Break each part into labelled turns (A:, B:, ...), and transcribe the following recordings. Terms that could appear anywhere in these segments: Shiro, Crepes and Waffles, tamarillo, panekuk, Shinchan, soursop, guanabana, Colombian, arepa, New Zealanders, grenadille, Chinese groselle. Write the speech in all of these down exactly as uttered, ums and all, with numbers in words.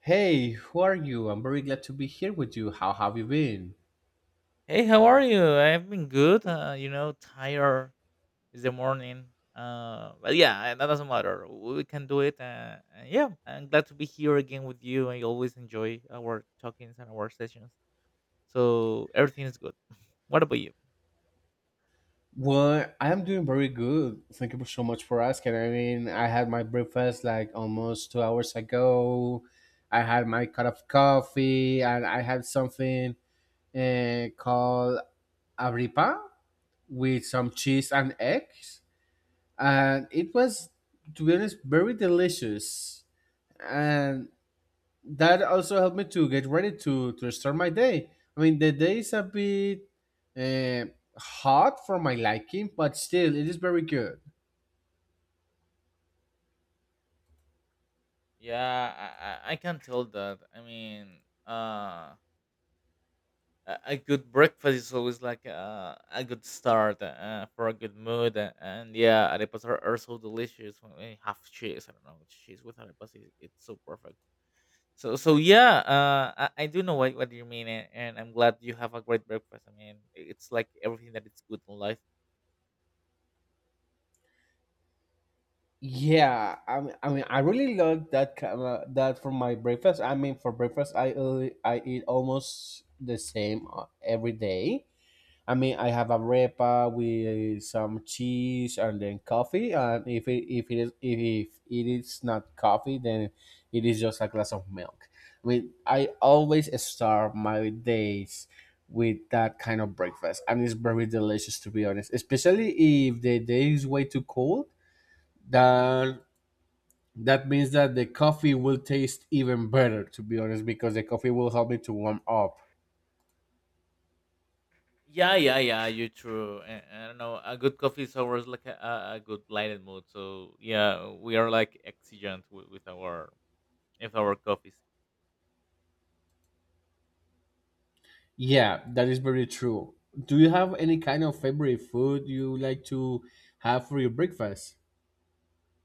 A: Hey, who are you? I'm very glad to be here with you. How have you been?
B: Hey, how are you? I've been good. Uh, you know, tired. It's the morning. Uh, but yeah, uh, that doesn't matter. We can do it. Uh, and yeah, I'm glad to be here again with you. I always enjoy our talkings and our sessions. So everything is good. What about
A: Well, I am
B: you?
A: doing very good. Thank you so much for asking. I mean, I had my breakfast like almost two hours ago. I had my cup of coffee and I had something uh, called abripa with some cheese and eggs. And it was, to be honest, very delicious. And that also helped me to get ready to to start my day. I mean, the day is a bit uh, hot for my liking, but still, it is very good.
B: Yeah, I, I I can tell that. I mean, uh, a a good breakfast is always like uh, a good start uh, for a good mood. a- And yeah, arepas are, are so delicious when we have cheese. I don't know, cheese with arepas, is it's so perfect. So, so yeah, uh, I, I do know what, what you mean, and, and I'm glad you have a great breakfast. I mean, it's like everything that is good in life.
A: Yeah, I mean, I mean, I really love that kind of, that for my breakfast. I mean, for breakfast, I uh, I eat almost the same uh, every day. I mean, I have a arepa with some cheese and then coffee. And if it, if it is if it is not coffee, then it is just a glass of milk. I mean, I always start my days with that kind of breakfast, and it's very delicious to be honest. Especially if the day is way too cold, then that means that the coffee will taste even better to be honest, because the coffee will help me to warm up.
B: Yeah, yeah, yeah. You're true. And I don't know. A good coffee is always like a, a a good blinded mood. So yeah, we are like exigent with, with our with our coffees.
A: Yeah, that is very true. Do you have any kind of favorite food you like to have for your breakfast?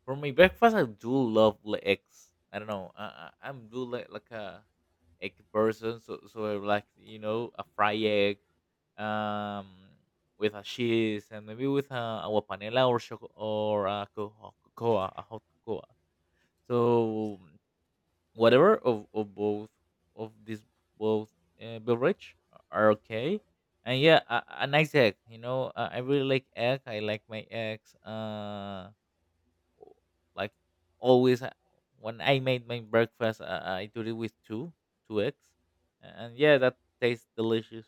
B: For my breakfast, I do love like eggs. I don't know. I, I I'm do like like a egg person. So so I like, you know, a fried egg, um, with a cheese and maybe with a agua panela or choco or a cocoa, cocoa, a hot cocoa. So whatever of, of both of these both uh, beverage are okay. And yeah, a, a nice egg, you know. uh, I really like egg. I like my eggs uh like always. Uh, when I made my breakfast, uh, I do it with two two eggs, and yeah, that tastes delicious.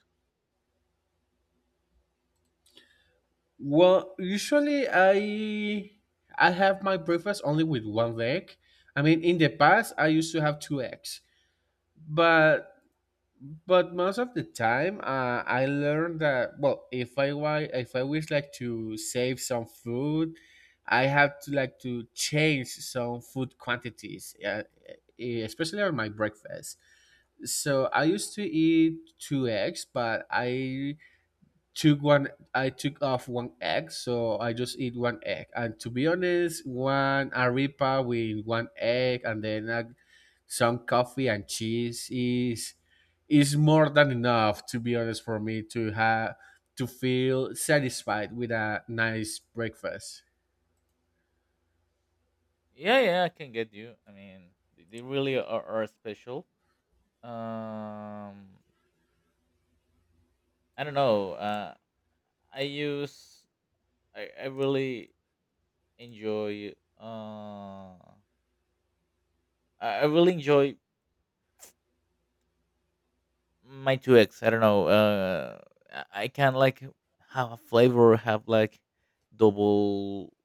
A: Well, usually I I have my breakfast only with one egg. I mean, in the past I used to have two eggs, but but most of the time uh, I learned that, well, if I wa- if I wish like to save some food, I have to like to change some food quantities, uh, e, especially on my breakfast. So I used to eat two eggs, but I took one. I took off one egg, so I just eat one egg. And to be honest, one arepa with one egg, and then uh, some coffee and cheese is is more than enough. To be honest, for me to have to feel satisfied with a nice breakfast.
B: Yeah, yeah, I can get you. I mean, they they really are, are special. Um i don't know. uh i use i, I really enjoy. uh I I really enjoy my two eggs. I don't know. Uh I I can like have a flavor, have like double.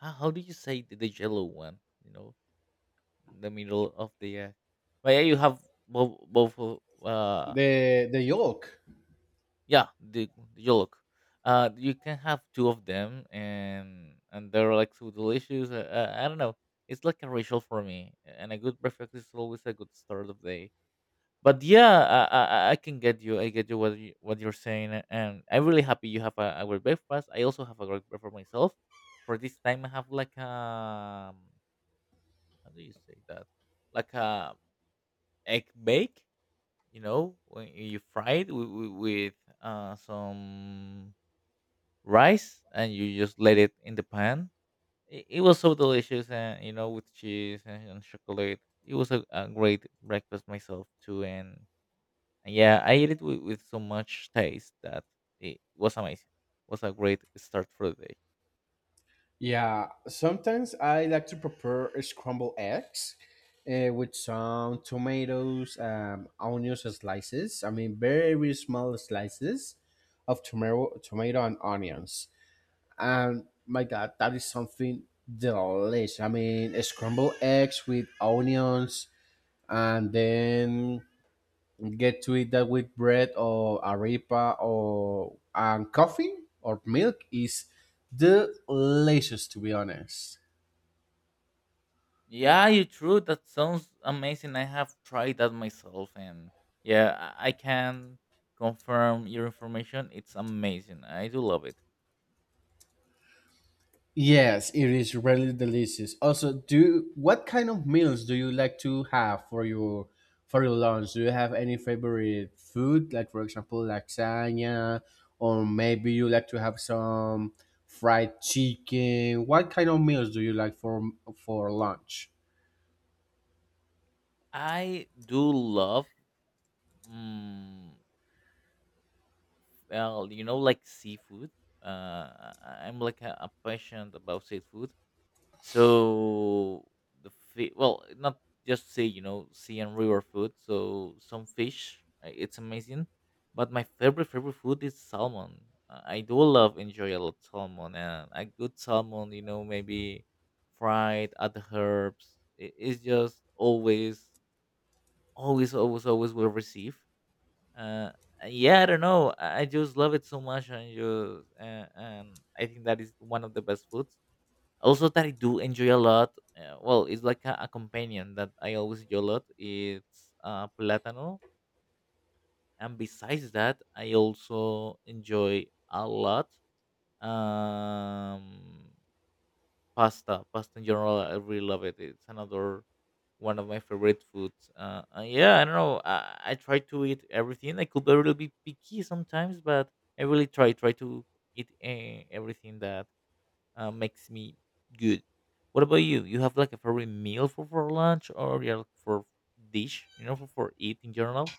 B: how, how do you say the, the yellow one, you know, the middle of the egg. But yeah, you have both both of, uh
A: The the yolk.
B: yeah, the, the yolk. Uh, you can have two of them and and they're like so delicious. Uh, uh, I don't know. It's like a ritual for me, and a good breakfast is always a good start of day. But yeah, I, I I can get you. I get you what you, what you're saying, a- and I'm really happy you have a, a great breakfast. I also have a great breakfast myself. For this time, I have like a, how do you say that? Like a egg bake. You know, when you fry it with, with, with uh, some rice, and you just let it in the pan. It, it was so delicious, and you know, with cheese and, and chocolate. It was a, a great breakfast myself too, and And yeah, I ate it with, with so much taste that it was amazing. Was a great start for the day.
A: Yeah, sometimes I like to prepare scrambled eggs uh, with some tomatoes, um, onions slices. I mean, very small slices of tomato, tomato and onions. And my God, that is something delicious. I mean, scrambled eggs with onions, and then get to eat that with bread or arepa or and coffee or milk is delicious. To be honest.
B: Yeah, you're true. That sounds amazing. I have tried that myself, and yeah, I I can confirm your information. It's amazing. I do love it.
A: Yes, it is really delicious. Also, do what kind of meals do you like to have for your for your lunch? Do you have any favorite food, like for example, lasagna, or maybe you like to have some fried chicken? What kind of meals do you like for for lunch?
B: I do love, mm, well, you know, like seafood. Uh, I- I'm like a, a passionate about seafood. So the fi- well, not just say, you know, sea and river food. So some fish, uh, it's amazing. But my favorite favorite food is salmon. Uh, I do love enjoy a lot salmon, and a good salmon. You know, maybe fried, add herbs. It, it's just always always always always will receive. Uh, and yeah, I don't know. I I just love it so much, and just uh, and I think that is one of the best foods also that I do enjoy a lot. Uh, well, it's like a, a companion that I always enjoy a lot. It's uh, plátano, and besides that, I also enjoy a lot um, pasta. Pasta in general, I really love it. It's another one of my favorite foods. Uh, uh, yeah, I don't know. I, I try to eat everything. I could be a little bit picky sometimes, but I really try try to eat uh, everything that uh, makes me good. What about you? You have like a favorite meal for, for lunch, or you're for dish, you know, for, for eat in general?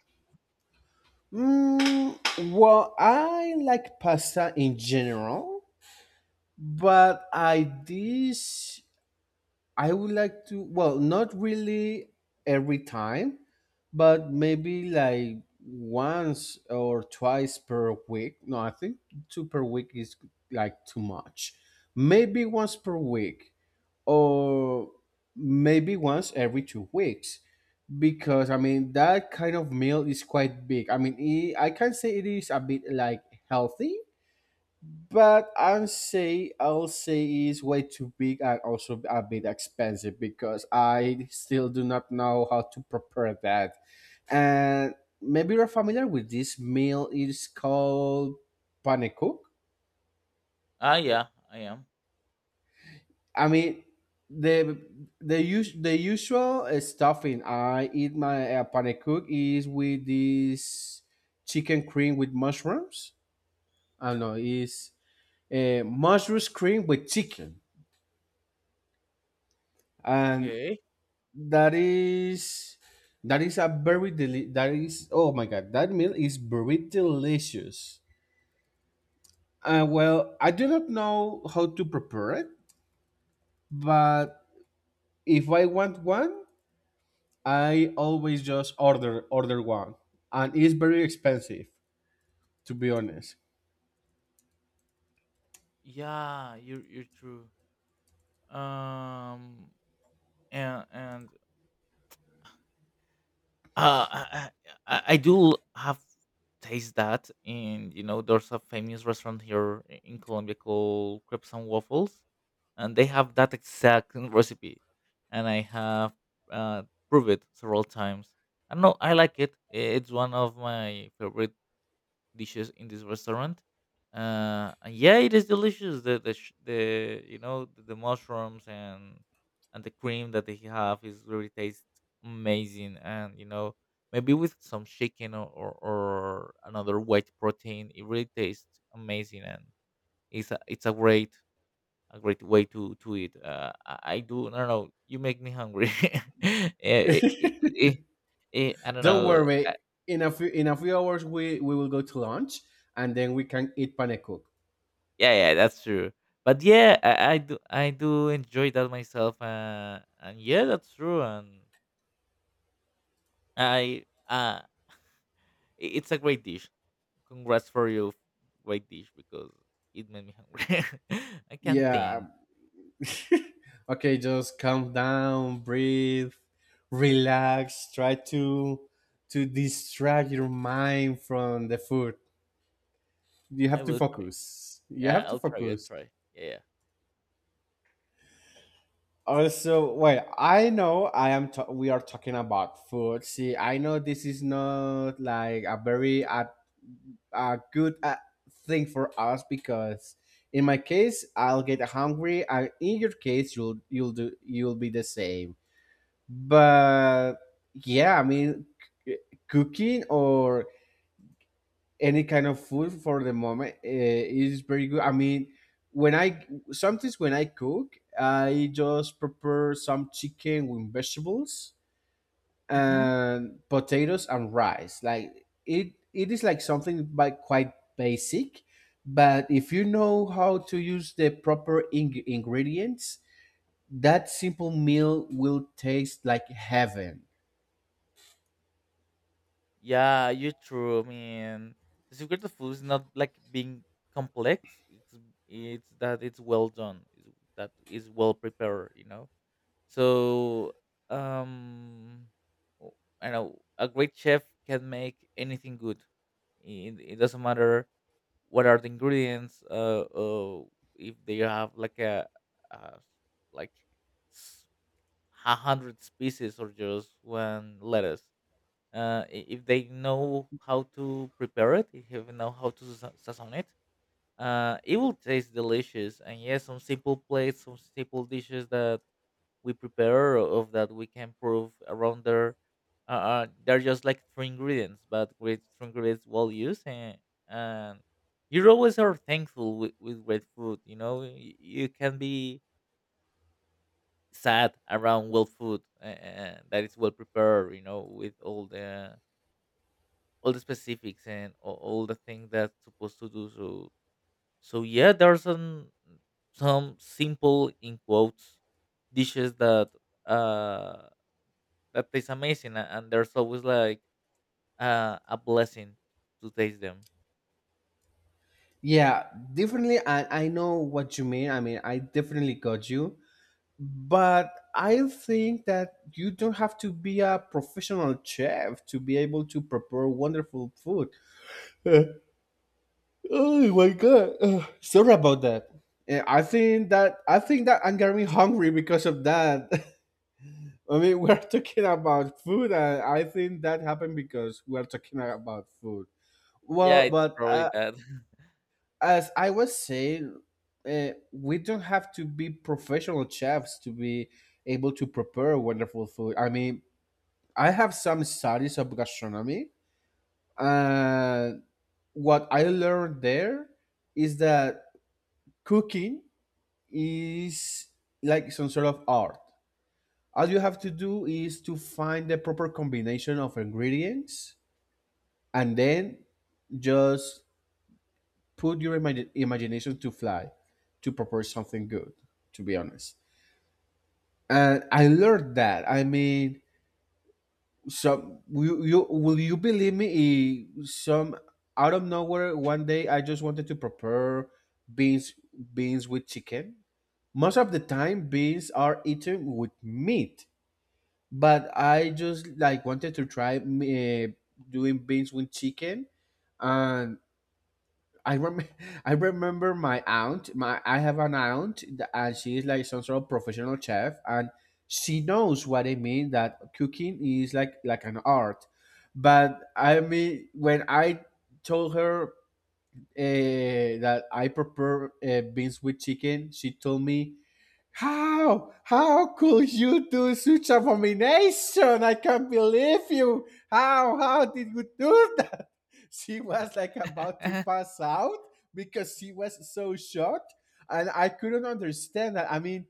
A: Mm, well, I like pasta in general, but I this. I would like to, well, not really every time, but maybe like once or twice per week. No, I think two per week is like too much. Maybe once per week or maybe once every two weeks because I mean, that kind of meal is quite big. I mean, it, I can say it is a bit like healthy, but I'll say I'll say is way too big and also a bit expensive because I still do not know how to prepare that. And maybe you're familiar with this meal. It's called panekuk.
B: Ah, yeah, I am.
A: I mean, the the us- the usual uh, stuffing I eat my uh, panekuk is with this chicken cream with mushrooms. I don't know. Is uh, mushrooms cream with chicken and
B: Okay.
A: That is that is a very deli- that is Oh my god, that meal is very delicious. Uh, well, I do not know how to prepare it, but if I want one, I always just order order one, and it's very expensive to be honest.
B: Yeah, you're you're true. Um, and and Uh, I, I I do have taste that, and you know, there's a famous restaurant here i- in Colombia called Crepes and Waffles, and they have that exact recipe, and I have uh, proved it several times. I don't know, I like it. I- It's one of my favorite dishes in this restaurant. Uh, and yeah, it is delicious. The the sh- the you know, the, the mushrooms and and the cream that they have is really tastes amazing. And you know, maybe with some chicken or, or, or another white protein, it really tastes amazing. And it's a it's a great a great way to to eat. Uh, I, I do. I don't know. You make me hungry. Eh, it- it- it- eh, I don't
A: Don't
B: know.
A: worry, in a few in a few hours we we will go to lunch, and then we can eat panekuk.
B: Yeah, yeah, that's true. But yeah, I, I do I do enjoy that myself. Uh, and yeah, that's true. And I uh, i- it's a great dish. Congrats for your great dish because it made me hungry. I can't
A: Yeah,
B: think.
A: okay, just calm down, breathe, relax, try to to distract your mind from the food. You
B: I
A: have to
B: will try.
A: focus. You
B: Yeah,
A: have to
B: I'll try. I'll
A: focus.
B: try. Yeah,
A: Also, wait, I know I am ta- we are talking about food. See, I know this is not like a very uh, a good uh, thing for us because in my case, I'll get hungry and in your case you'll you'll do you'll be the same. But yeah, I mean, c- cooking or any kind of food for the moment uh, is very good. I mean, when I sometimes when I cook, I just prepare some chicken with vegetables
B: yeah. Hmm.
A: and potatoes and rice. Like it, it is like something by quite basic, but if you know how to use the proper ing- ingredients, that simple meal will taste like heaven.
B: Yeah, you're true. I mean, the secret of food is not like being complex. It's it's that it's well done. It's, that is well prepared. You know. So, um, w- I know a great chef can make anything good. It, it doesn't matter what are the ingredients. Uh, uh if they have like a, a like s- a hundred species or just one lettuce. Uh, I- if they know how to prepare it, if they know how to sa- sazon it, uh, it will taste delicious. And yes, some simple plates, some simple dishes that we prepare of that we can prove around there, uh, uh, they're just like three ingredients, but with three ingredients well used, and, and you always are thankful with, with great food, you know. Y- you can be sad around well food, and that is well prepared, you know, with all the all the specifics and all, all the things that's supposed to do. So so yeah, there's some some simple, in quotes, dishes that uh that tastes amazing, a- and there's always like uh, a blessing to taste them.
A: Yeah, definitely. I, I know what you mean. I mean, I definitely got you. But I think that you don't have to be a professional chef to be able to prepare wonderful food. Uh, oh my god. Uh, sorry about that. Uh, I think that I think that I'm getting hungry because of that. I mean, we're talking about food, and I think that happened because we're talking about food.
B: Yeah,
A: Well,
B: it's
A: but
B: probably
A: uh,
B: that.
A: as I was saying, uh, we don't have to be professional chefs to be able to prepare wonderful food. I mean, I have some studies of gastronomy, and what I learned there is that cooking is like some sort of art. All you have to do is to find the proper combination of ingredients and then just put your imagi- imagination to fly to prepare something good, to be honest. And I learned that. I mean, some you, you will you believe me? eh, Some out of nowhere, one day I just wanted to prepare beans beans with chicken. Most of the time, beans are eaten with meat, but I just like wanted to try eh, doing beans with chicken, and I rem- I remember my aunt. My I have an aunt, that, and she is like some sort of professional chef, and she knows what I mean that cooking is like like an art. But I mean, when I told her uh, that I prepare uh, beans with chicken, she told me, how? How could you do such abomination? I can't believe you. How? How did you do that? She was like about to pass out because she was so shocked. And I couldn't understand that. I mean,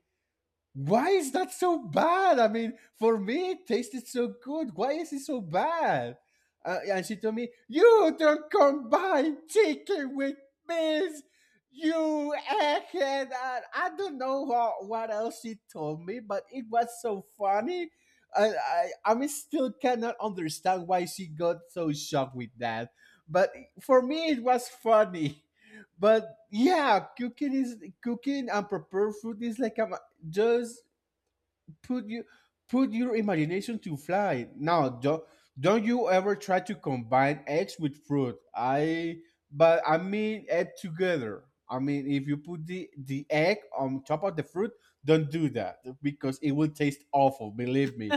A: why is that so bad? I mean, for me, it tasted so good. Why is it so bad? Uh, and she told me, "You don't combine chicken with beans, you egghead." And I don't know how, what else she told me, but it was so funny. I, I, I mean, still cannot understand why she got so shocked with that. But for me, it was funny, but yeah, cooking is cooking and prepare food is like a, just put you put your imagination to fly. Now don't don't you ever try to combine eggs with fruit. I, but I mean egg together, I mean if you put the the egg on top of the fruit, don't do that because it will taste awful, believe me.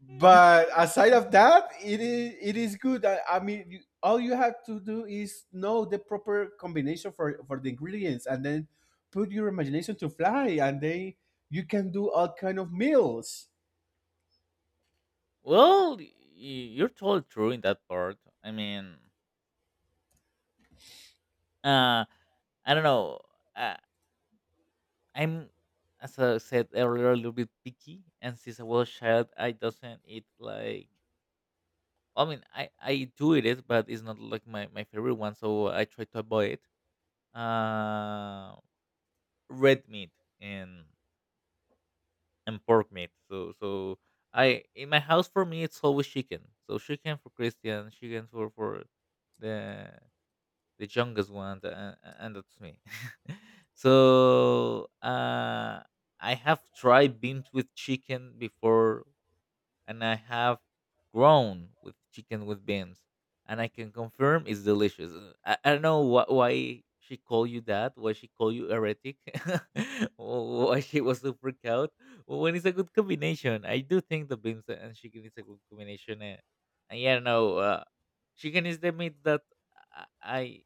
A: But aside of that, it is, it is good. I, I mean, you, all you have to do is know the proper combination for for the ingredients and then put your imagination to fly and then you can do all kind of meals.
B: well, y- you're totally true in that part. I mean, uh, I don't know. Uh, I'm, as I said earlier, a little bit picky, and since I was a child, I doesn't eat like. I mean, I I do eat it, but it's not like my my favorite one, so I try to avoid it. Uh, red meat and and pork meat. So so I in my house for me, it's always chicken. So chicken for Christian, chicken for for the the youngest one, and, and that's me. so uh, I have tried beans with chicken before, and I have grown with chicken with beans, and I can confirm it's delicious. Uh, I, I don't know wh- why she called you that, why she called you heretic, or why she was so freaked out. But when it's a good combination, I do think the beans and chicken is a good combination. And, and yeah, no, uh, chicken is the meat that I I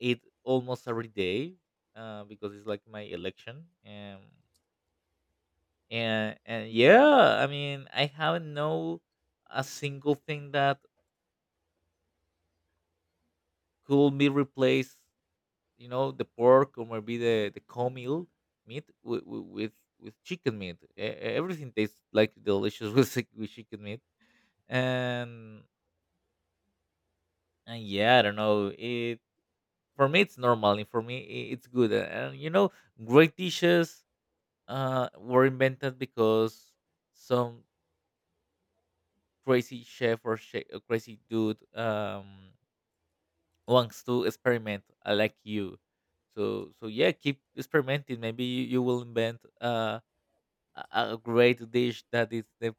B: eat almost every day uh, because it's like my election. Um, and and Yeah, I mean, I haven't know a single thing that could be replaced, you know, the pork or maybe the the cow meal meat with with, with chicken meat. E- e- everything tastes like delicious with, chick- with chicken meat, and and yeah, I don't know, it for me it's normal, and for me, I- it's good. and, and you know, great dishes uh were invented because some crazy chef or, chef, crazy dude um wants to experiment, uh, like you. So so yeah, keep experimenting. Maybe you, you will invent uh, a, a great dish that is the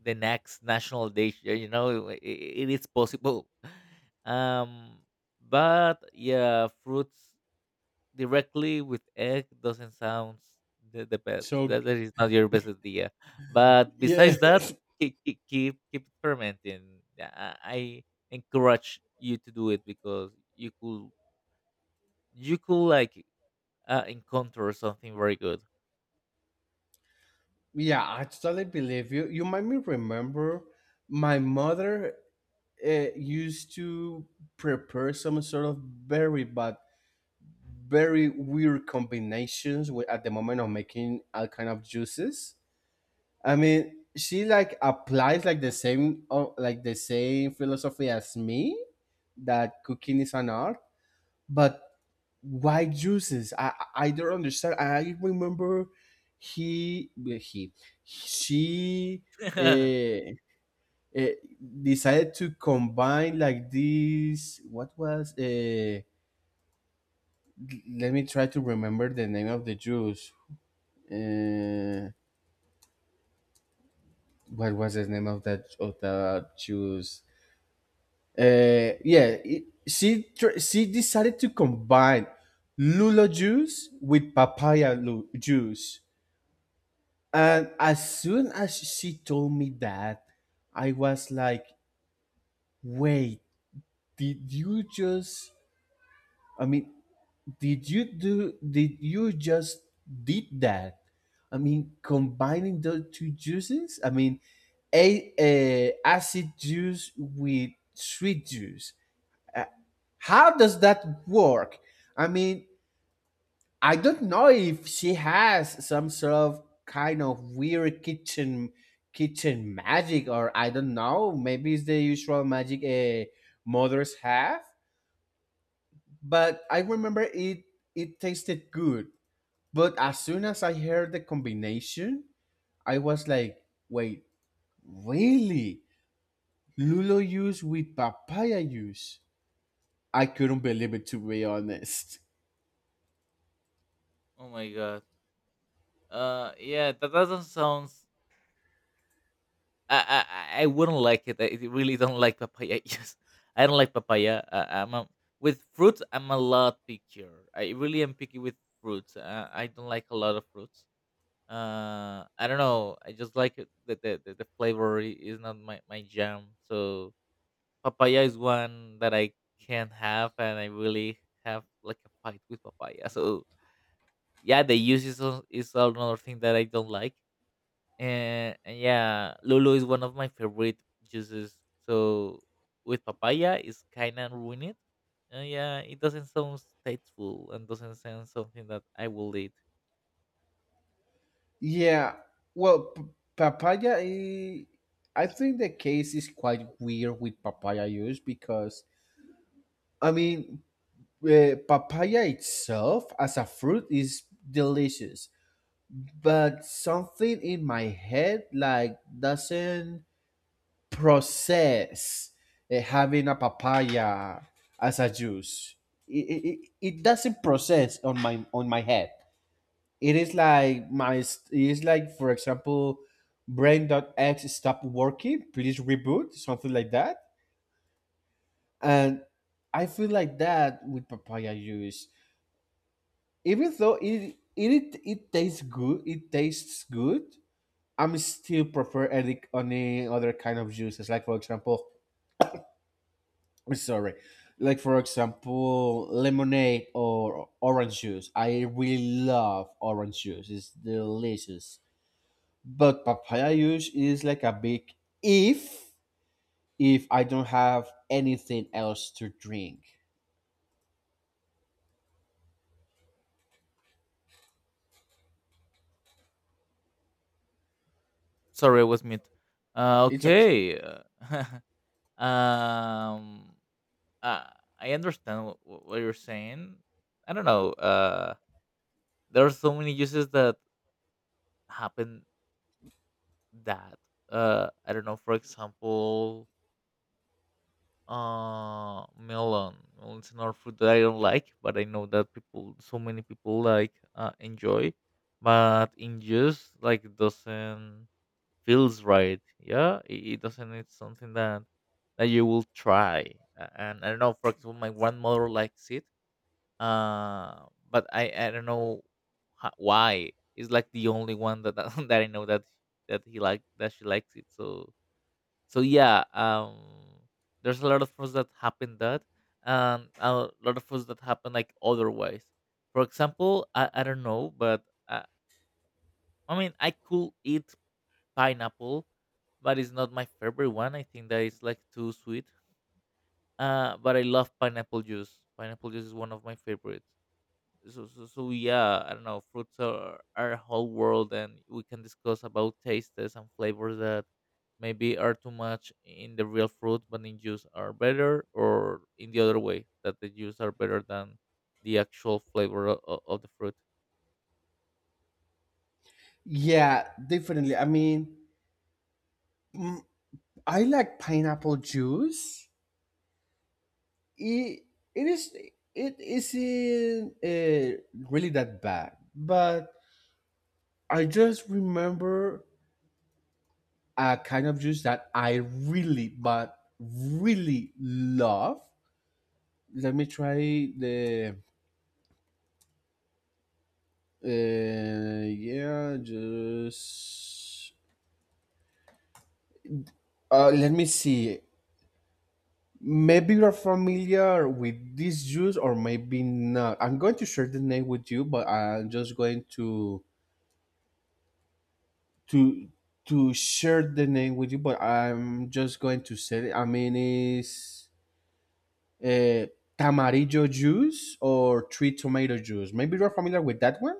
B: the next national dish, uh, you know, it, it is possible. Um, but yeah, fruits directly with egg doesn't sound the, the best.
A: So
B: That, that is not your best idea. But
A: yeah.
B: besides that, keep keep keep, keep experimenting. Yeah, i I encourage you to do it because you could, you could like uh, encounter something very good.
A: Yeah, I totally believe you. You might me remember my mother uh, used to prepare some sort of very, but very weird combinations with, at the moment of making all kind of juices. I mean, she like applies like the same, oh, like the same philosophy as me, that cooking is an art, but why juices? I I I don't understand. I remember, he, well, he she
B: Oh
A: uh, uh, decided to combine like this, what was, uh, let me try to remember the name of the juice. Uh, what was the name of that of the juice? Uh, yeah, it- she tr- she decided to combine lula juice with papaya lu- juice, and as soon as she told me that, I was like, "Wait, did you just? I mean, did you do? Did you just did that? I mean, combining those two juices. I mean, a, a acid juice with sweet juice. I, how does that work? I mean, I don't know if she has some sort of kind of weird kitchen kitchen magic, or I don't know. Maybe it's the usual magic uh, mothers have." But I remember it it tasted good. But as soon as I heard the combination, I was like, wait, really? Lulo juice with papaya juice? I couldn't believe it to be honest.
B: my god. Uh, yeah, that doesn't sound. I I I I wouldn't like it. I really don't like papaya. Yes, I don't like papaya. Uh, I'm a, with fruits. I'm a lot pickier. I really am picky with fruits. Uh, I don't like a lot of fruits. Uh, I don't know. I just like it. The the the, the flavor I- is not my my jam. So papaya is one that I can't have, and I really have like a fight with papaya. So yeah, the use is al- is another thing that I don't like. And, and yeah, Lulu is one of my favorite juices. So with papaya, it's kind of ruined. Uh, yeah, it doesn't sound tasteful and doesn't sound something that I will eat.
A: Yeah. Well, p- papaya. eh, I think the case is quite weird with papaya use because I mean, eh, papaya itself as a fruit is delicious, but something in my head like doesn't process eh, having a papaya as a juice. It, it, it doesn't process on my on my head. It is like my, it is like for example, brain.x stopped working, please reboot, something like that. And I feel like that with papaya juice. Even though it it it tastes good it tastes good I'm still prefer any any other kind of juices, like for example, I'm sorry, like for example, lemonade or orange juice. I really love orange juice, it's delicious. But papaya juice is like a big if if I don't have anything else to drink.
B: Sorry, I was mute. Uh,
A: It's okay.
B: okay. uh, um. uh, I understand what, what you're saying. I don't know. Uh, there are so many uses that happen that uh, I don't know. For example, uh, melon. Melon's another fruit that I don't like, but I know that people, so many people like uh, enjoy. But in juice, like doesn't feels right. Yeah, it, it doesn't. It's something that that you will try. A- And I don't know. For example, my grandmother likes it. Uh, but I I don't know ho- why. It's like the only one that that, I know that that he like that she likes it. So so yeah. Um, there's a lot of things that happen that, and a lot of things that happen like otherwise. For example, I I don't know, but uh, I mean I could eat pineapple, but it's not my favorite one. I think that it's like too sweet. Uh, but I love pineapple juice. Pineapple juice is one of my favorites. So, so so yeah, I don't know, fruits are our whole world and we can discuss about tastes and flavors that maybe are too much in the real fruit but in juice are better, or in the other way that the juice are better than the actual flavor of, of the fruit.
A: Yeah, definitely. I mean, mm, I like pineapple juice. It, it is, it isn't uh, really that bad, but I just remember a kind of juice that I really, but really love. Let me try the, Uh, yeah, just uh, let me see. Maybe you're familiar with this juice, or maybe not. I'm going to share the name with you, but I'm just going to to to share the name with you. But I'm just going to say it. I mean, it's uh, tamarillo juice or tree tomato juice. Maybe you're familiar with that one.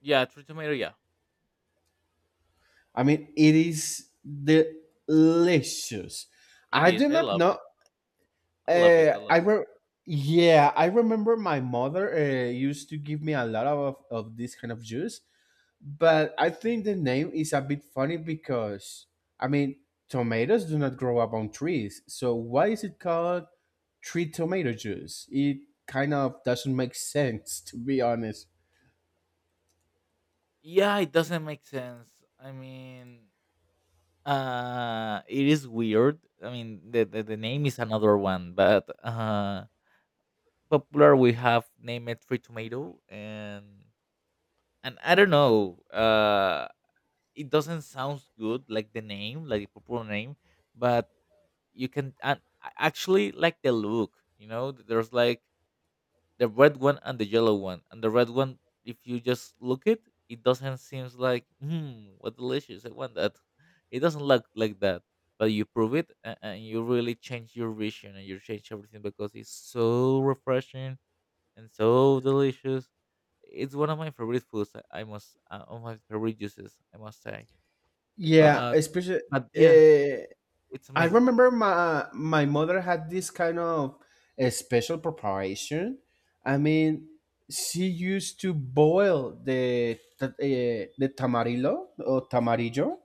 B: Yeah, true tomato, yeah.
A: I mean, it is delicious.
B: It
A: I
B: is,
A: do
B: I
A: not
B: love it.
A: know.
B: I love it,
A: Uh,
B: I
A: I
B: love it.
A: re- yeah, I remember my mother uh, used to give me a lot of, of this kind of juice, but I think the name is a bit funny because I mean tomatoes do not grow up on trees, so why is it called tree tomato juice? It kind of doesn't make sense, to be honest.
B: Yeah, it doesn't make sense. I mean, uh it is weird. I mean the the, the name is another one, but uh popular we have named it free tomato. And and I don't know, uh it doesn't sound good, like the name, like the popular name. But you can, and I actually like the look. You know, there's like the red one and the yellow one, and the red one, if you just look it, it doesn't seems like, hmm, what delicious, I want that. It doesn't look like that. But you prove it a- and you really change your vision and you change everything because it's so refreshing and so delicious. It's one of my favorite foods. I I must uh, One of my favorite juices, I must say,
A: Yeah,
B: but
A: especially
B: but yeah,
A: uh,
B: it's
A: I
B: amazing.
A: remember my my mother had this kind of a special preparation. I mean, she used to boil the ta- eh, the tamarillo or tamarillo,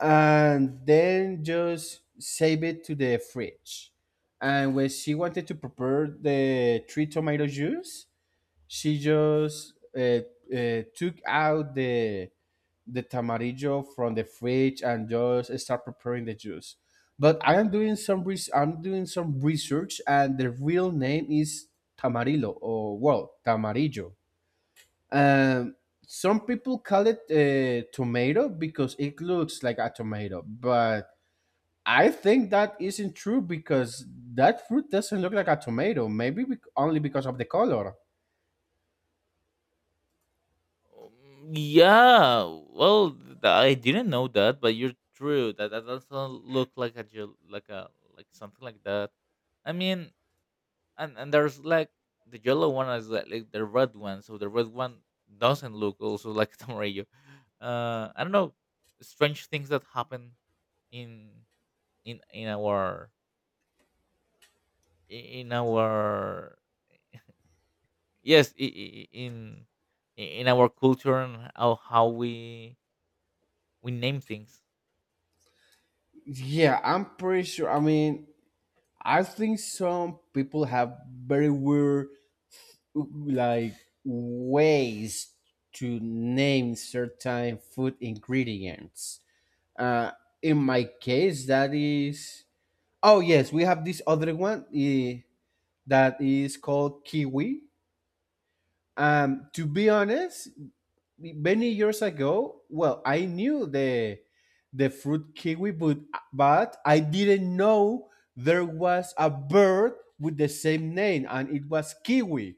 A: and then just save it to the fridge. And when she wanted to prepare the three tomato juice, she just uh, uh, took out the the tamarillo from the fridge and just start preparing the juice. But I am doing some res- I'm doing some research, and the real name is tamarillo, or well, tamarillo. Um, some people call it a tomato because it looks like a tomato, but I think that isn't true because that fruit doesn't look like a tomato. Maybe bec- only because of the color.
B: Um, Yeah, well, th- I didn't know that, but you're true. That that doesn't look like a gel- like a like something like that. I mean, and and there's like the yellow one is like, like the red one, so the red one doesn't look also like Tamarillo. Uh, I don't know, strange things that happen in in in our i- in our yes i- i- i- in in our culture, and how, how we we name things.
A: Yeah, I'm pretty sure. I mean, I think some people have very weird, like, ways to name certain food ingredients. Uh, in my case, that is, oh yes, we have this other one eh, that is called kiwi. Um, to be honest, many years ago, well, I knew the the fruit kiwi, but but I didn't know there was a bird with the same name, and it was kiwi.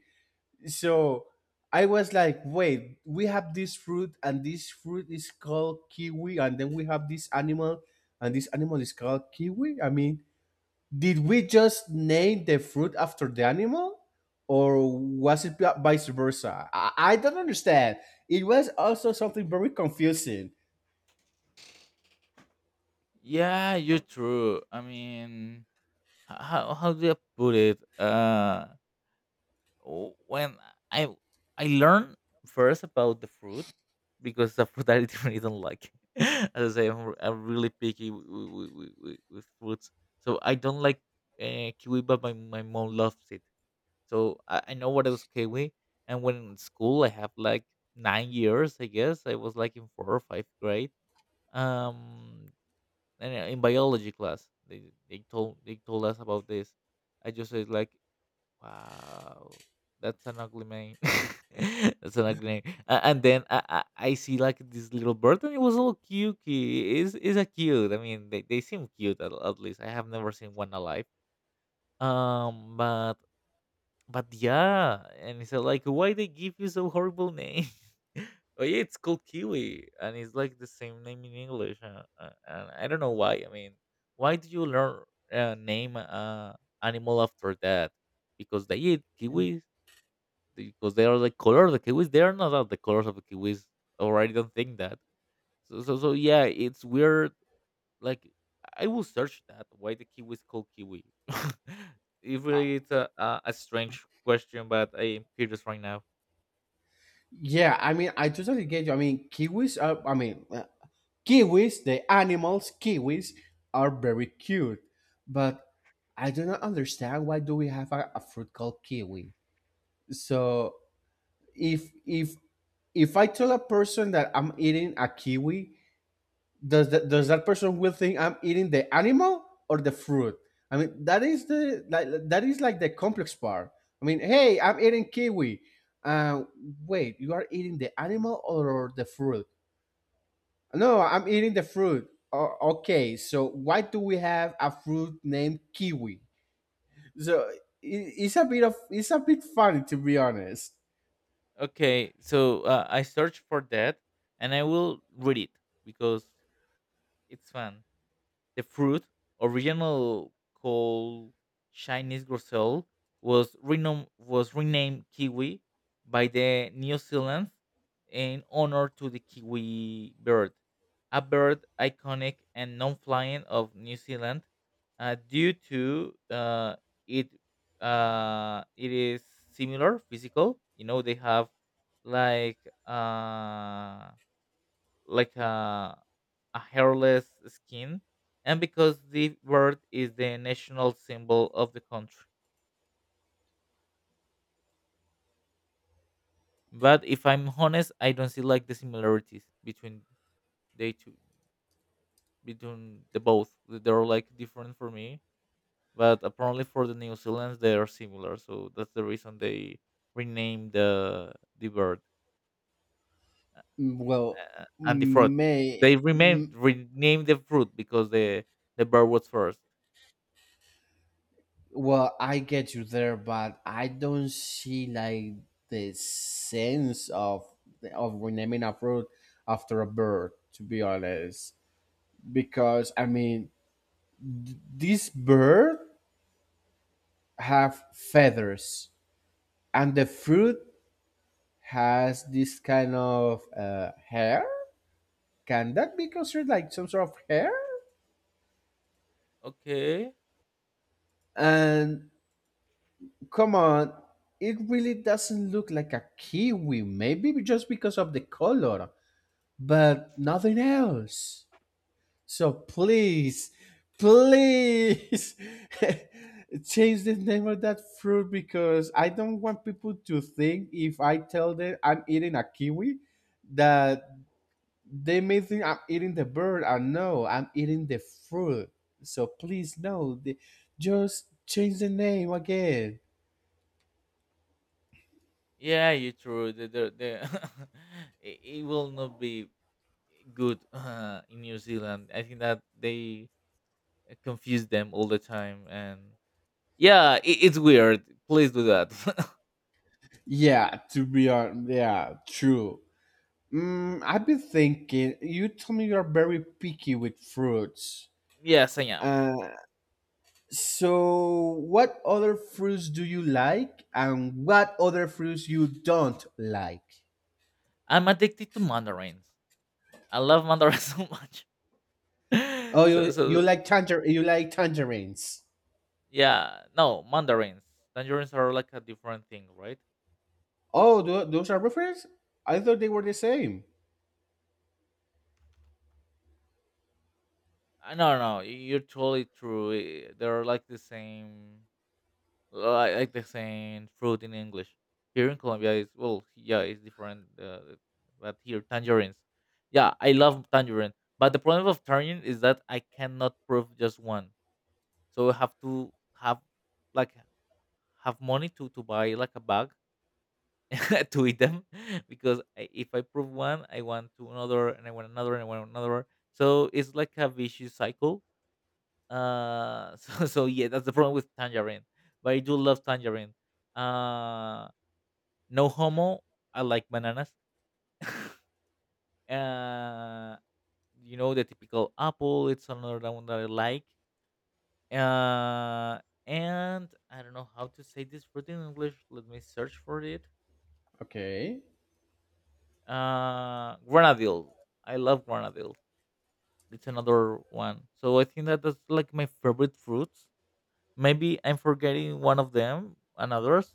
A: So I was like, wait, we have this fruit, and this fruit is called kiwi, and then we have this animal, and this animal is called kiwi. I mean, did we just name the fruit after the animal, or was it vi- vice versa? I, I don't understand. It was also something very confusing.
B: Yeah, you're true. I mean, h- how how do I put it? Uh, w- when I I learned first about the fruit, because the fruit I really don't like. As I say, I'm, r- I'm really picky with, with, with, with fruits, so I don't like uh, kiwi, but my, my mom loves it. So I, I know what is kiwi. And when in school, I have like nine years, I guess. I was like in fourth or fifth grade. Um, and uh, In biology class, they they told they told us about this. I just said like, wow, that's an ugly name. That's an ugly name. Uh, and then I, I I see like this little bird, and it was all cute. Is is a cute. I mean, they they seem cute at, at least. I have never seen one alive. Um, but but yeah, and it's like, why they give you so horrible name? Oh yeah, it's called kiwi, and it's like the same name in English. Uh, uh, and I don't know why. I mean, why do you learn uh, name uh, animal after that? Because they eat kiwis. Because they are the color of the kiwis. They are not of the colors of the kiwis. Or I don't think that. So so so yeah, it's weird, like I will search that why the kiwi is called kiwi. It
A: Uh,
B: really it's a, a a strange question, but I am curious right now.
A: Yeah, I mean, I totally get you. I mean, kiwis are, I mean, uh, kiwis, the animals, kiwis are very cute, but I do not understand why do we have a, a fruit called kiwi. So if if if I tell a person that I'm eating a kiwi, does that does that person will think I'm eating the animal or the fruit? I mean, that is the, like that is like the complex part. I mean, hey, I'm eating kiwi. Uh, Wait, you are eating the animal or the fruit? No, I'm eating the fruit. O- okay, so why do we have a fruit named kiwi? So i- it's a bit of it's a bit funny, to be honest.
B: Okay, so uh, I search for that and I will read it because it's fun. The fruit, original called Chinese groselle, was renom- was renamed kiwi by the New Zealand in honor to the kiwi bird, a bird iconic and non-flying of New Zealand, uh, due to uh, it uh, it is similar physical. You know they have like uh like a a hairless skin, and because the bird is the national symbol of the country. But if I'm honest, I don't see like the similarities between they two, between the both. They're like different for me, but apparently for the New Zealanders they are similar. So that's the reason they renamed the the bird
A: Well,
B: uh, and the fruit.
A: may
B: They renamed renamed the fruit because the the bird was first.
A: well, I get you there, but I don't see like the sense of of renaming a fruit after a bird. To be honest, because I mean, this bird have feathers, and the fruit has this kind of uh, hair. Can that be considered like some sort of hair?
B: Okay.
A: And come on, it really doesn't look like a kiwi. Maybe just because of the color, but nothing else. So please, please, change the name of that fruit, because I don't want people to think, if I tell them I'm eating a kiwi, that they may think I'm eating the bird. I know I'm eating the fruit. So please, no. The, just change the name again.
B: Yeah, you true. The, the, the it, it will not be good uh, in New Zealand. I think that they uh, confuse them all the time, and yeah, it, it's weird. Please do that.
A: Yeah, to be honest. Yeah, true. Mm, I've been thinking. You told me you're very picky with fruits.
B: Yes, I am.
A: Uh, so what other fruits do you like, and what other fruits you don't like?
B: I'm addicted to mandarins. I love mandarins so much.
A: Oh,
B: So,
A: you you
B: so
A: like tanger, you like tangerines.
B: yeah, no mandarins. Tangerines are like a different thing, right?
A: Oh, tho- those are different. I thought they were the same.
B: I No, no, you're totally true. Eh, they're like the same. Well, I like the saying fruit in English. Here in Colombia, is well, yeah, it's different. Uh, but here, tangerines. Yeah, I love tangerine. But the problem of tangerine is that I cannot prove just one. So I have to have like have money to to buy like a bag to eat them because I, if I prove one, I want to another, and I want another, and I want another. So it's like a vicious cycle, uh, so so yeah, that's the problem with tangerine. But I do love tangerine. Uh, no homo. I like bananas. Uh, you know the typical apple. It's another one that I like. Uh, and I don't know how to say this fruit in English. Let me search for it.
A: Okay.
B: Uh, Grenadille. I love grenadille. It's another one. So I think that that's like my favorite fruits. Maybe I'm forgetting one of them and others.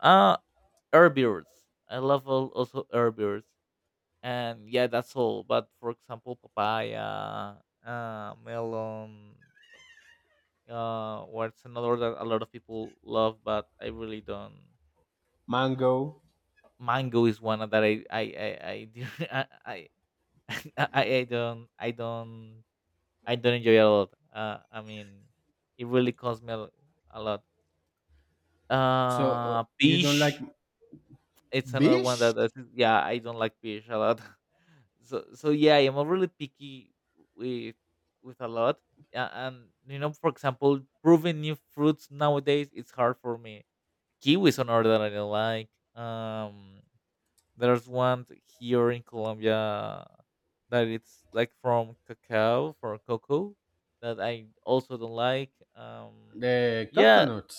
B: Uh, Herbivores. I love al- also herbivores, and yeah, that's all. But for example, papaya, uh, melon, uh, what's another that a lot of people love, but I really don't.
A: Mango.
B: Mango is one that I I I I didn't- I I, I I don't I don't I don't enjoy a lot. Uh, I mean, it really costs me a, lo- a lot.
A: So uh,
B: Uh,
A: you don't like
B: peach, it's another one that
A: bish?
B: that yeah, I don't like fish a lot. So so yeah, I'm a really picky with with a lot. Yeah, and you know, for example, proving new fruits nowadays it's hard for me. Kiwis on order that I don't like. Um, there's one t- here in Colombia that it's like from cacao for cocoa that I also don't like. Um,
A: The
B: yeah,
A: coconut.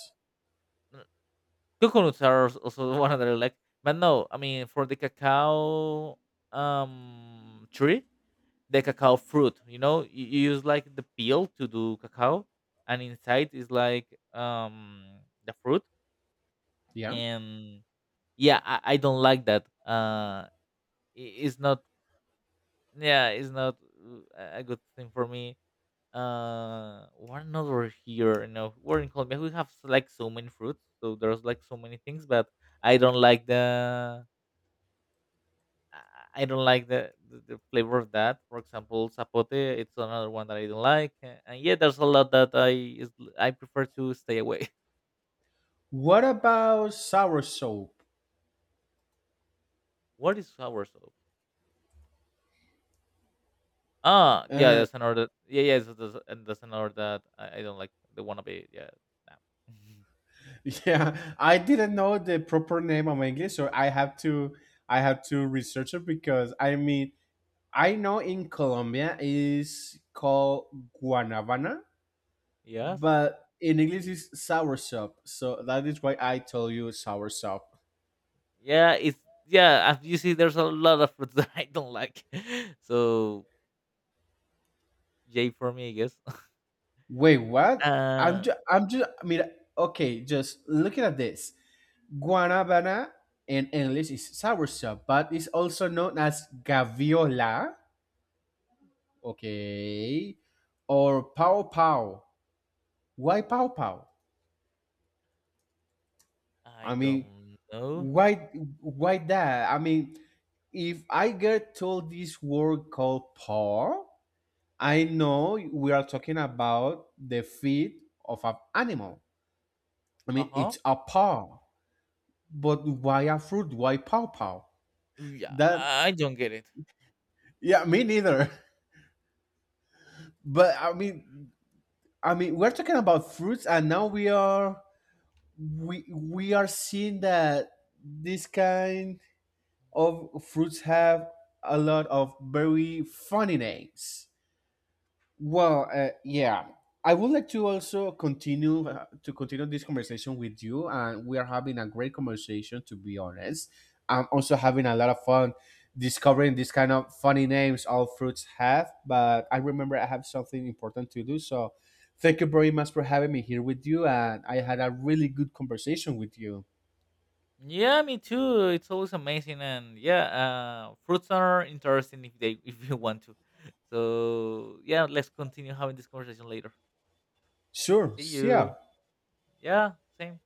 B: coconuts are als- also one that I like. But no, I mean for the cacao um tree, the cacao fruit. You know, you, you use like the peel to do cacao, and inside is like um the fruit.
A: Yeah.
B: And yeah, I, I don't like that. Uh, i- it's not. Yeah, it's not uh, a a good thing for me. Uh, what another here? You know, we're in Colombia. We have like so many fruits, so there's like so many things, but I don't like the I I don't like the, the the flavor of that. For example, zapote, it's another one that I don't like. a- And yeah, there's a lot that I is, I prefer to stay away.
A: What about sour soap?
B: What is sour soup? Ah, yeah,
A: Uh,
B: that's another. Yeah, yeah, so that's, and that's another that I, I don't like. The one of it, yeah. Nah.
A: yeah, I didn't know the proper name of English, so I have to I have to research it, because I mean, I know in Colombia is called guanabana,
B: Yes.
A: but in English is sour soap. So that is why I told you sour soap.
B: Yeah, it's yeah. As you see, there's a lot of fruits that I don't like. So yay for me, I guess.
A: Wait, what? I'm
B: Uh,
A: just, I'm just, mira, okay, just looking at this. Guanabana in English is soursop, but it's also known as gaviola, okay, or pow pow. Why pow pow? I
B: I
A: mean,
B: don't know.
A: why, why that? I mean, if I get told this word called paw, I know we are talking about the feet of an animal. I
B: Uh
A: mean,
B: huh.
A: it's a paw. But why a fruit? Why pow pow?
B: Yeah,
A: That,
B: I don't get it.
A: yeah, me neither. But I mean, I mean, we're talking about fruits, and now we are we we are seeing that this kind of fruits have a lot of very funny names. Well, uh, yeah, I would like to also continue uh, to continue this conversation with you, and we are having a great conversation. To be honest, I'm also having a lot of fun discovering these kind of funny names all fruits have. But I remember I have something important to do, so thank you very much for having me here with you, and I had a really good conversation with you.
B: Yeah, me too. It's always amazing, and yeah, uh, fruits are interesting if they if you want to. So yeah, let's continue having this conversation later.
A: Sure,
B: See
A: see ya.
B: you. Yeah, same.